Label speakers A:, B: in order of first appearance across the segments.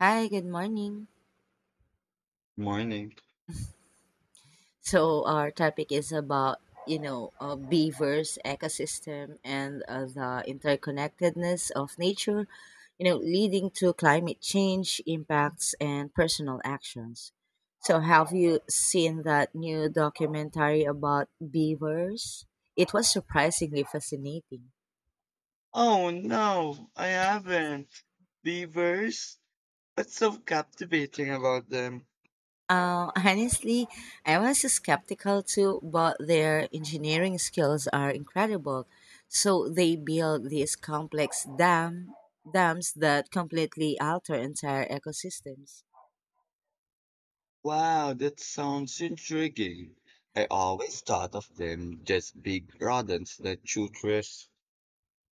A: Hi, good morning.
B: Morning.
A: So our topic is about, beavers ecosystem and the interconnectedness of nature, you know, leading to climate change impacts and personal actions. So have you seen that new documentary about beavers? It was surprisingly fascinating.
B: Oh no, I haven't. Beavers? What's so captivating about them?
A: Honestly, I was skeptical too, but their engineering skills are incredible. So they build these complex dams that completely alter entire ecosystems.
B: Wow, that sounds intriguing. I always thought of them just big rodents that chew trash.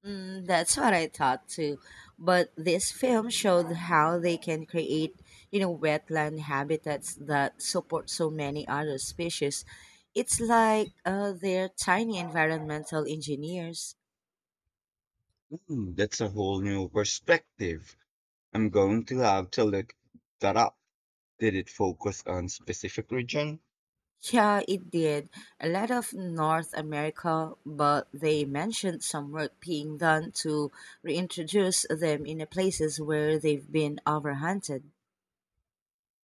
A: That's what I thought too. But this film showed how they can create, you know, wetland habitats that support so many other species. It's like they're tiny environmental engineers.
B: Hmm, that's a whole new perspective. I'm going to have to look that up. Did it focus on specific region?
A: Yeah, it did. A lot of North America, but they mentioned some work being done to reintroduce them in the places where they've been overhunted.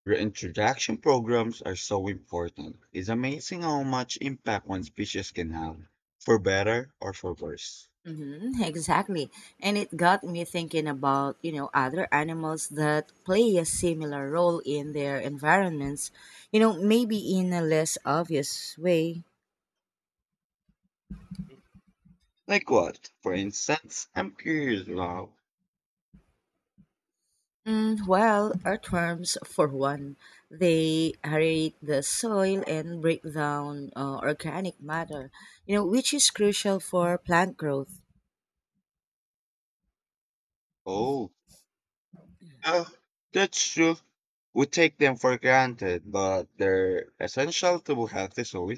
B: Reintroduction programs are so important. It's amazing how much impact one species can have, for better or for worse.
A: Mm-hmm, exactly. And it got me thinking about, you know, other animals that play a similar role in their environments, you know, maybe in a less obvious way.
B: Like what? For instance, I'm curious about.
A: Well, earthworms, for one, they aerate the soil and break down organic matter, you know, which is crucial for plant growth.
B: Oh, uh, that's true. We take them for granted, but they're essential to a healthy soil.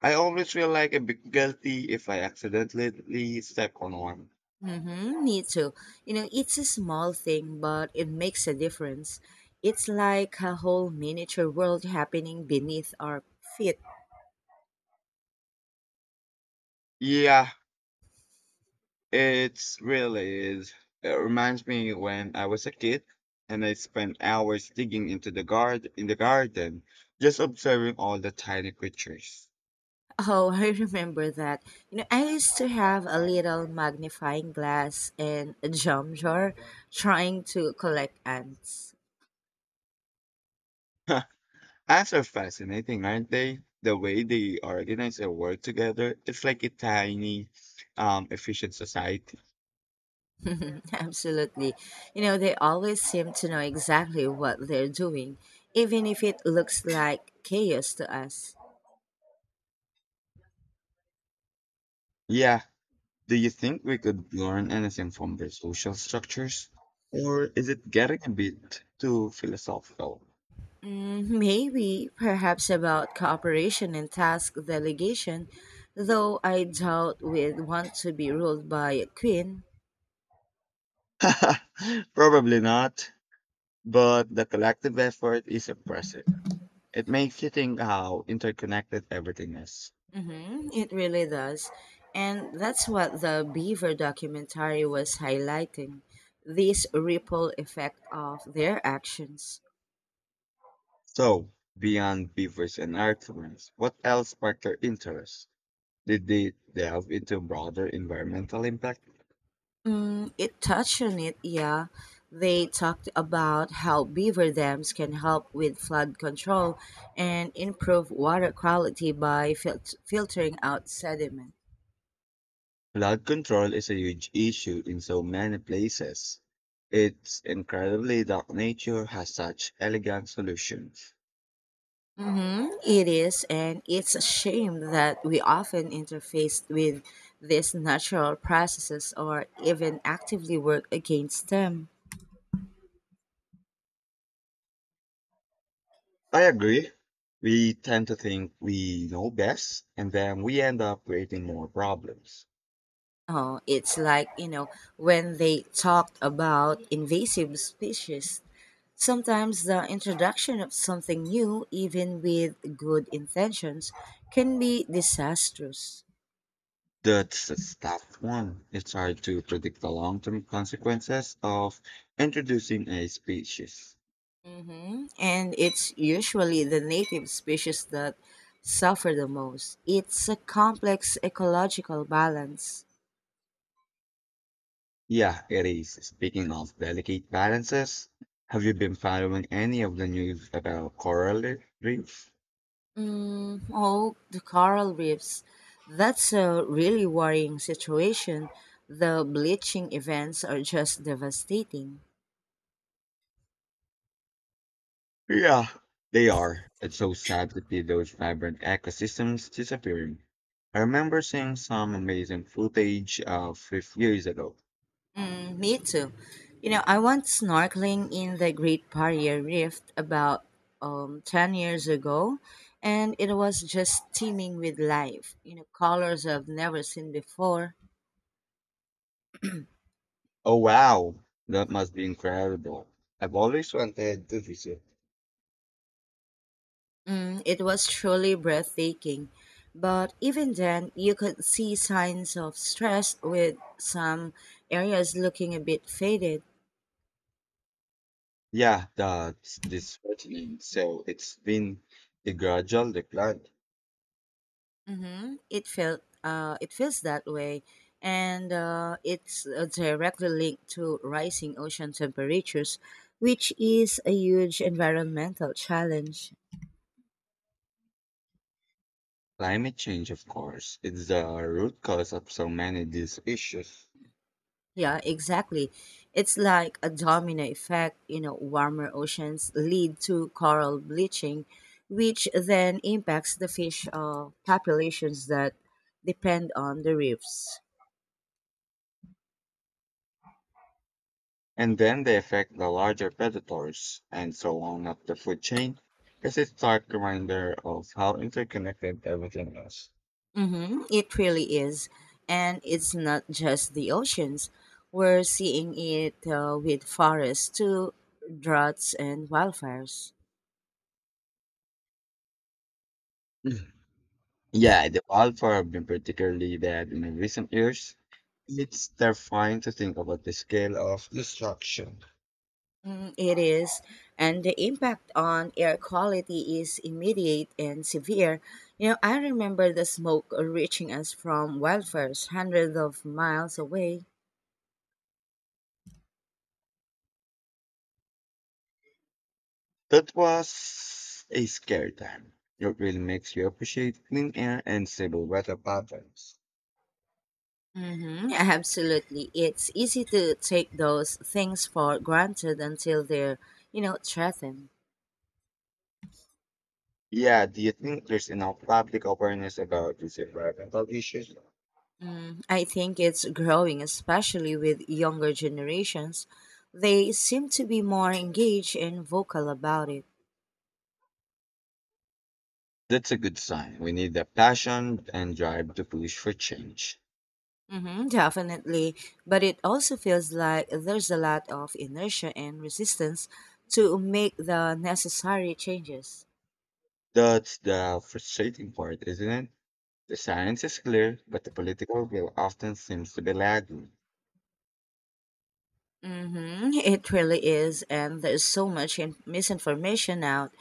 B: I always feel like a bit guilty if I accidentally step on one.
A: Mm-hmm, me too. You know, it's a small thing, but it makes a difference. It's like a whole miniature world happening beneath our feet.
B: Yeah, it's really is. It reminds me when I was a kid and I spent hours digging into the guard in the garden, just observing all the tiny creatures.
A: Oh, I remember that. You know, I used to have a little magnifying glass and a jam jar trying to collect ants.
B: Ants are fascinating, aren't they? The way they organize and work together, it's like a tiny, efficient society.
A: Absolutely. You know, they always seem to know exactly what they're doing, even if it looks like chaos to us.
B: Yeah. Do you think we could learn anything from their social structures? Or is it getting a bit too philosophical?
A: Maybe, perhaps about cooperation and task delegation, though I doubt we'd want to be ruled by a queen.
B: Probably not. But the collective effort is impressive. It makes you think how interconnected everything is.
A: Hmm, it really does. And that's what the Beaver documentary was highlighting, this ripple effect of their actions.
B: So, beyond beavers and earthworms, what else sparked your interest? Did they delve into broader environmental impact?
A: It touched on it, yeah. They talked about how beaver dams can help with flood control and improve water quality by filtering out sediment.
B: Flood control is a huge issue in so many places. It's incredibly that nature has such elegant solutions.
A: Mhm. It is, and it's a shame that we often interface with these natural processes or even actively work against them.
B: I agree. We tend to think we know best, and then we end up creating more problems.
A: Oh, it's like, you know, when they talked about invasive species. Sometimes the introduction of something new, even with good intentions, can be disastrous.
B: That's tough one. It's hard to predict the long-term consequences of introducing a species.
A: Hmm. And it's usually the native species that suffer the most. It's a complex ecological balance.
B: Yeah, it is. Speaking of delicate balances, have you been following any of the news about coral reefs?
A: Oh, the coral reefs. That's a really worrying situation. The bleaching events are just devastating.
B: Yeah, they are. It's so sad to see those vibrant ecosystems disappearing. I remember seeing some amazing footage of 50 years ago.
A: Mm, me too. You know, I went snorkeling in the Great Barrier Reef about 10 years ago, and it was just teeming with life. You know, colors I've never seen before.
B: Oh wow, that must be incredible. I've always wanted to visit.
A: It was truly breathtaking. But even then, you could see signs of stress, with some areas looking a bit faded.
B: Yeah, that's disheartening. So it's been a gradual decline.
A: Mm-hmm. It felt it feels that way, and it's directly linked to rising ocean temperatures, which is a huge environmental challenge.
B: Climate change, of course, it's the root cause of so many of these issues.
A: Yeah, exactly. It's like a domino effect. You know, warmer oceans lead to coral bleaching, which then impacts the fish populations that depend on the reefs.
B: And then they affect the larger predators and so on up the food chain. Because it's stark reminder of how interconnected everything is.
A: Mm-hmm. It really is. And it's not just the oceans. We're seeing it with forests to droughts and wildfires.
B: Mhm. Yeah, the wildfire have been particularly bad in recent years. It's terrifying to think about the scale of destruction.
A: It is. And the impact on air quality is immediate and severe. You know, I remember the smoke reaching us from wildfires hundreds of miles away.
B: That was a scary time. It really makes you appreciate clean air and stable weather patterns.
A: Mm-hmm, absolutely. It's easy to take those things for granted until they're, you know, threatened.
B: Yeah, do you think there's enough public awareness about these environmental issues?
A: I think it's growing, especially with younger generations. They seem to be more engaged and vocal about it.
B: That's a good sign. We need the passion and drive to push for change.
A: Hmm, definitely. But it also feels like there's a lot of inertia and resistance to make the necessary changes.
B: That's the frustrating part, isn't it? The science is clear, but the political will often seems to be lagging.
A: Mm-hmm. It really is, and there's so much misinformation out,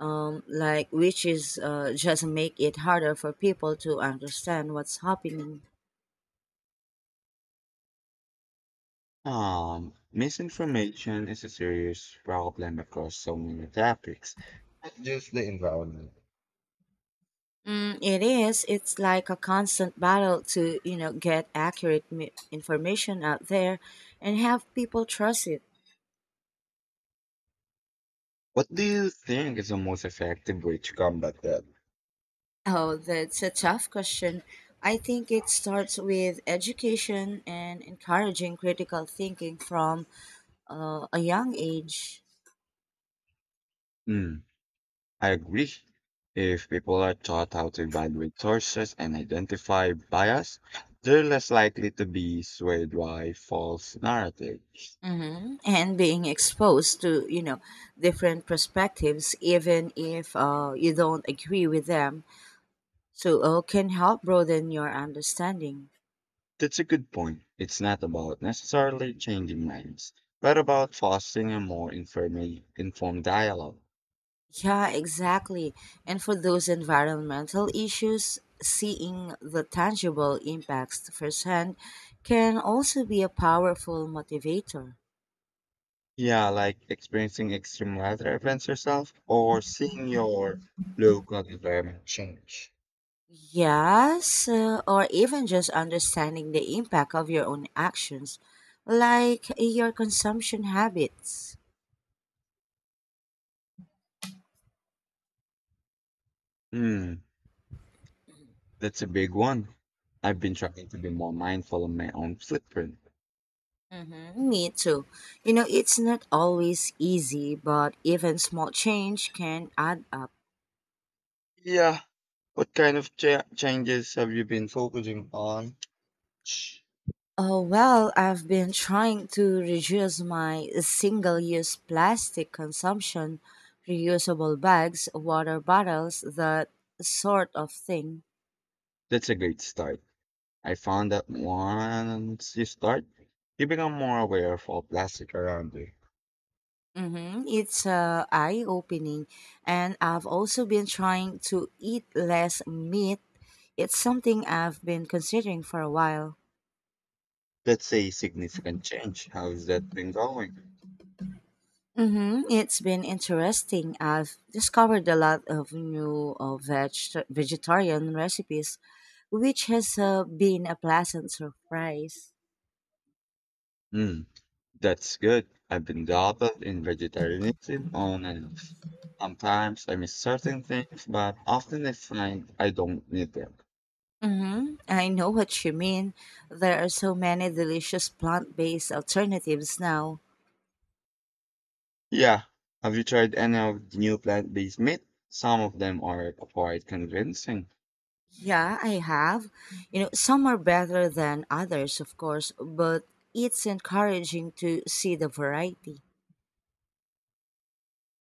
A: like, which is just make it harder for people to understand what's happening.
B: Misinformation is a serious problem across so many topics, not just the environment.
A: It is. It's like a constant battle to, you know, get accurate information out there and have people trust it.
B: What do you think is the most effective way to combat that?
A: Oh, that's a tough question. I think it starts with education and encouraging critical thinking from a young age.
B: Hmm, I agree. If people are taught how to evaluate sources and identify bias, they're less likely to be swayed by false narratives.
A: Hmm. And being exposed to, you know, different perspectives, even if you don't agree with them, so can help broaden your understanding.
B: That's a good point. It's not about necessarily changing minds, but about fostering a more informed dialogue.
A: Yeah, exactly. And for those environmental issues, seeing the tangible impacts firsthand can also be a powerful motivator.
B: Yeah, like experiencing extreme weather events yourself or seeing your local environment change.
A: Yes, or even just understanding the impact of your own actions, like your consumption habits.
B: Hmm. That's a big one. I've been trying to be more mindful of my own footprint.
A: Mm-hmm, me too. You know, it's not always easy, but even small change can add up.
B: Yeah. What kind of changes have you been focusing on? Shh.
A: Oh, well, I've been trying to reduce my single use plastic consumption, reusable bags, water bottles, that sort of thing.
B: That's a great start. I found that once you start, you become more aware of all plastic around you.
A: Hmm. It's eye opening. And I've also been trying to eat less meat. It's something I've been considering for a while.
B: That's a significant change. How's that been going?
A: Mm-hmm. It's been interesting. I've discovered a lot of new vegetarian recipes, which has been a pleasant surprise.
B: Hmm, that's good. I've been dabbled in vegetarianism on and off. Sometimes I miss certain things, but often I find I don't need them.
A: Mm-hmm. I know what you mean. There are so many delicious plant based alternatives now.
B: Yeah. Have you tried any of the new plant-based meat? Some of them are quite convincing.
A: Yeah, I have. You know, some are better than others, of course, but it's encouraging to see the variety.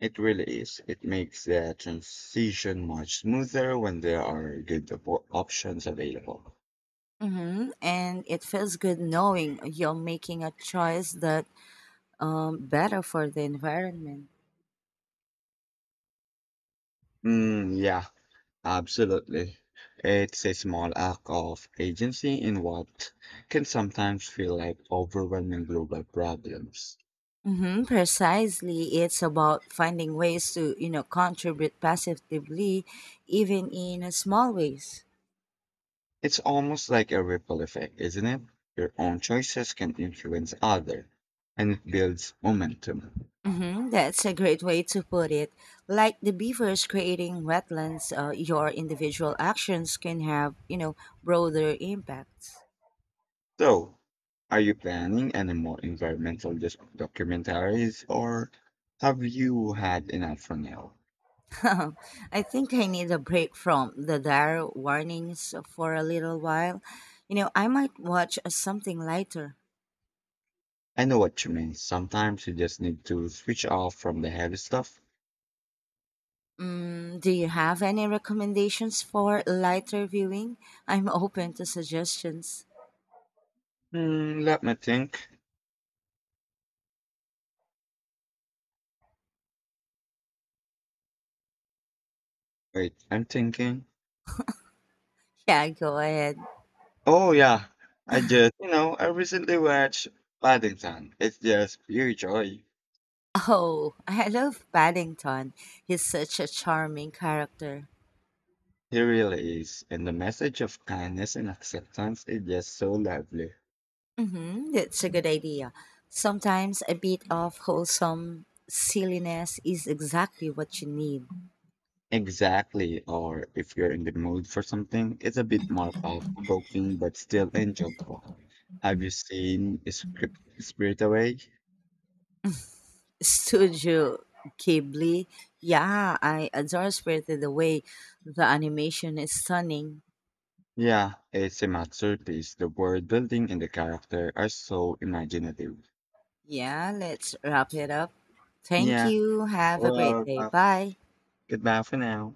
B: It really is. It makes the transition much smoother when there are good options available.
A: Mm-hmm. And it feels good knowing you're making a choice that better for the environment.
B: Mm, yeah, absolutely. It's a small act of agency in what can sometimes feel like overwhelming global problems.
A: Hmm, precisely. It's about finding ways to, you know, contribute positively, even in a small ways.
B: It's almost like a ripple effect, isn't it? Your own choices can influence others, and it builds momentum.
A: Hmm, that's a great way to put it. Like the beavers creating wetlands, your individual actions can have, you know, broader impacts.
B: So, are you planning any more environmental documentaries or have you had enough for now?
A: I think I need a break from the dire warnings for a little while. You know, I might watch something lighter.
B: I know what you mean. Sometimes you just need to switch off from the heavy stuff.
A: Mm, do you have any recommendations for lighter viewing? I'm open to suggestions.
B: Hmm, let me think. Wait, I'm thinking.
A: Yeah, go ahead.
B: Oh, yeah. I just, I recently watched Paddington. It's just pure joy.
A: Oh, I love Paddington. He's such a charming character.
B: It really is. And the message of kindness and acceptance is just so lovely.
A: Mm-hmm, that's a good idea. Sometimes a bit of wholesome silliness is exactly what you need.
B: Exactly. Or if you're in the mood for something, it's a bit more off-provoking but still enjoyable. Have you seen Script Spirit Away?
A: Studio Ghibli. Yeah, I adore Spirited Away. The animation is stunning.
B: Yeah, it's a masterpiece. The world building and the character are so imaginative.
A: Yeah, let's wrap it up. Thank
B: Yeah,
A: you. Have a great
B: well,
A: day. Bye.
B: goodbye for now.